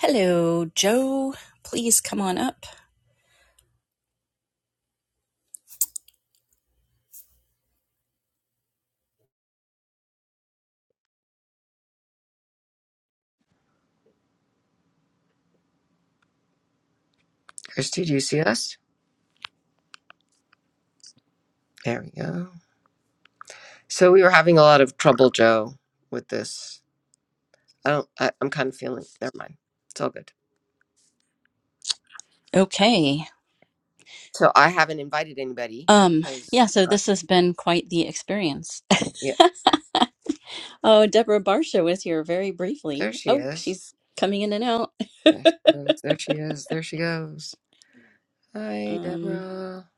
Hello, Joe. Please come on up. Christy, do you see us? There we go. So we were having a lot of trouble, Joe, with this. I don't. I, I'm kind of feeling. Never mind. It's all good. Okay. So I haven't invited anybody Um, yeah, because. so Uh, this has been quite the experience. yeah, oh, Deborah Barsha was here very there briefly. she Oh, is. she's coming in and out. There she goes. There she is. There she goes. Hi, Um, Deborah.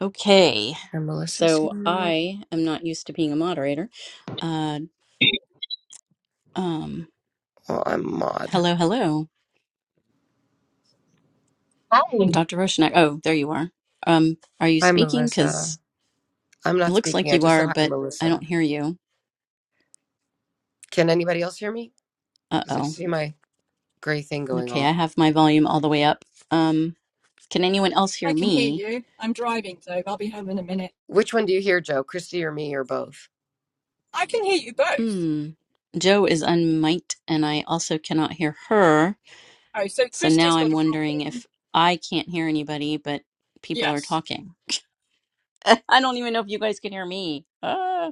okay. And Melissa's So here. I am not used to being a moderator. Uh, um, Oh, I'm Maud. hello, hello, Hi, Dr. Roshnak. Oh, there you are. Um, are you Hi, speaking? Melissa. Because I'm it not looks speaking. like I you just said are, hi, to but I Melissa. don't hear you. Can anybody else hear me? Because I Uh-oh. see my gray thing going Okay, I off. have my volume all the way up. Um. Can anyone else I hear can hear me? you. I'm driving though. I'll be home in a minute. Which one do you hear, Joe? Christy or me or both? I can hear you both. Hmm. Joe is unmiked, and I also cannot hear her. Oh, so So Christy's now I'm got a wondering problem. if I can't hear anybody, but people are Yes. talking. I don't even know if you guys can hear me. Ah.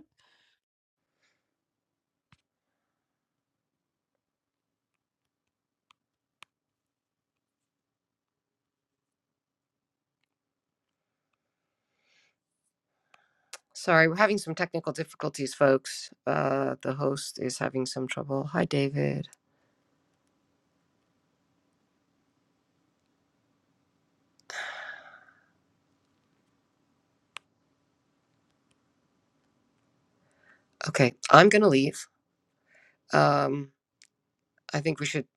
Sorry, we're having some technical difficulties, folks. Uh, the host is having some trouble. Hi, David. Okay, I'm going to leave. Um, I think we should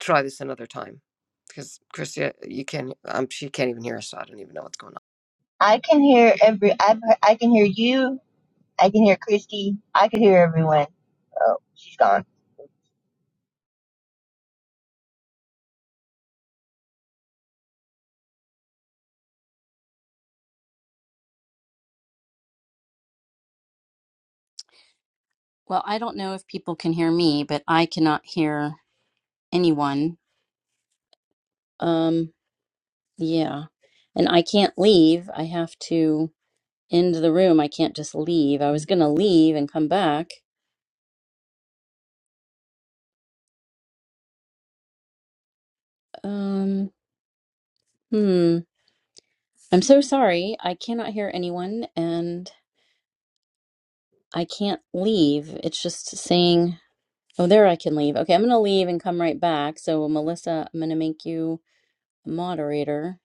try this another time because Christia, you can't. Um, she can't even hear us. So I don't even know what's going on. I can hear every. I've, I can hear you. I can hear Christy. I can hear everyone. Oh, she's gone. Well, I don't know if people can hear me, but I cannot hear anyone. Um, yeah. And I can't leave. I have to end the room. I can't just leave. I was gonna leave and come back. Um, hmm. I'm so sorry. I cannot hear anyone and I can't leave. It's just saying, oh, there I can leave. Okay, I'm going to leave and come right back. So, Melissa, I'm going to make you a moderator.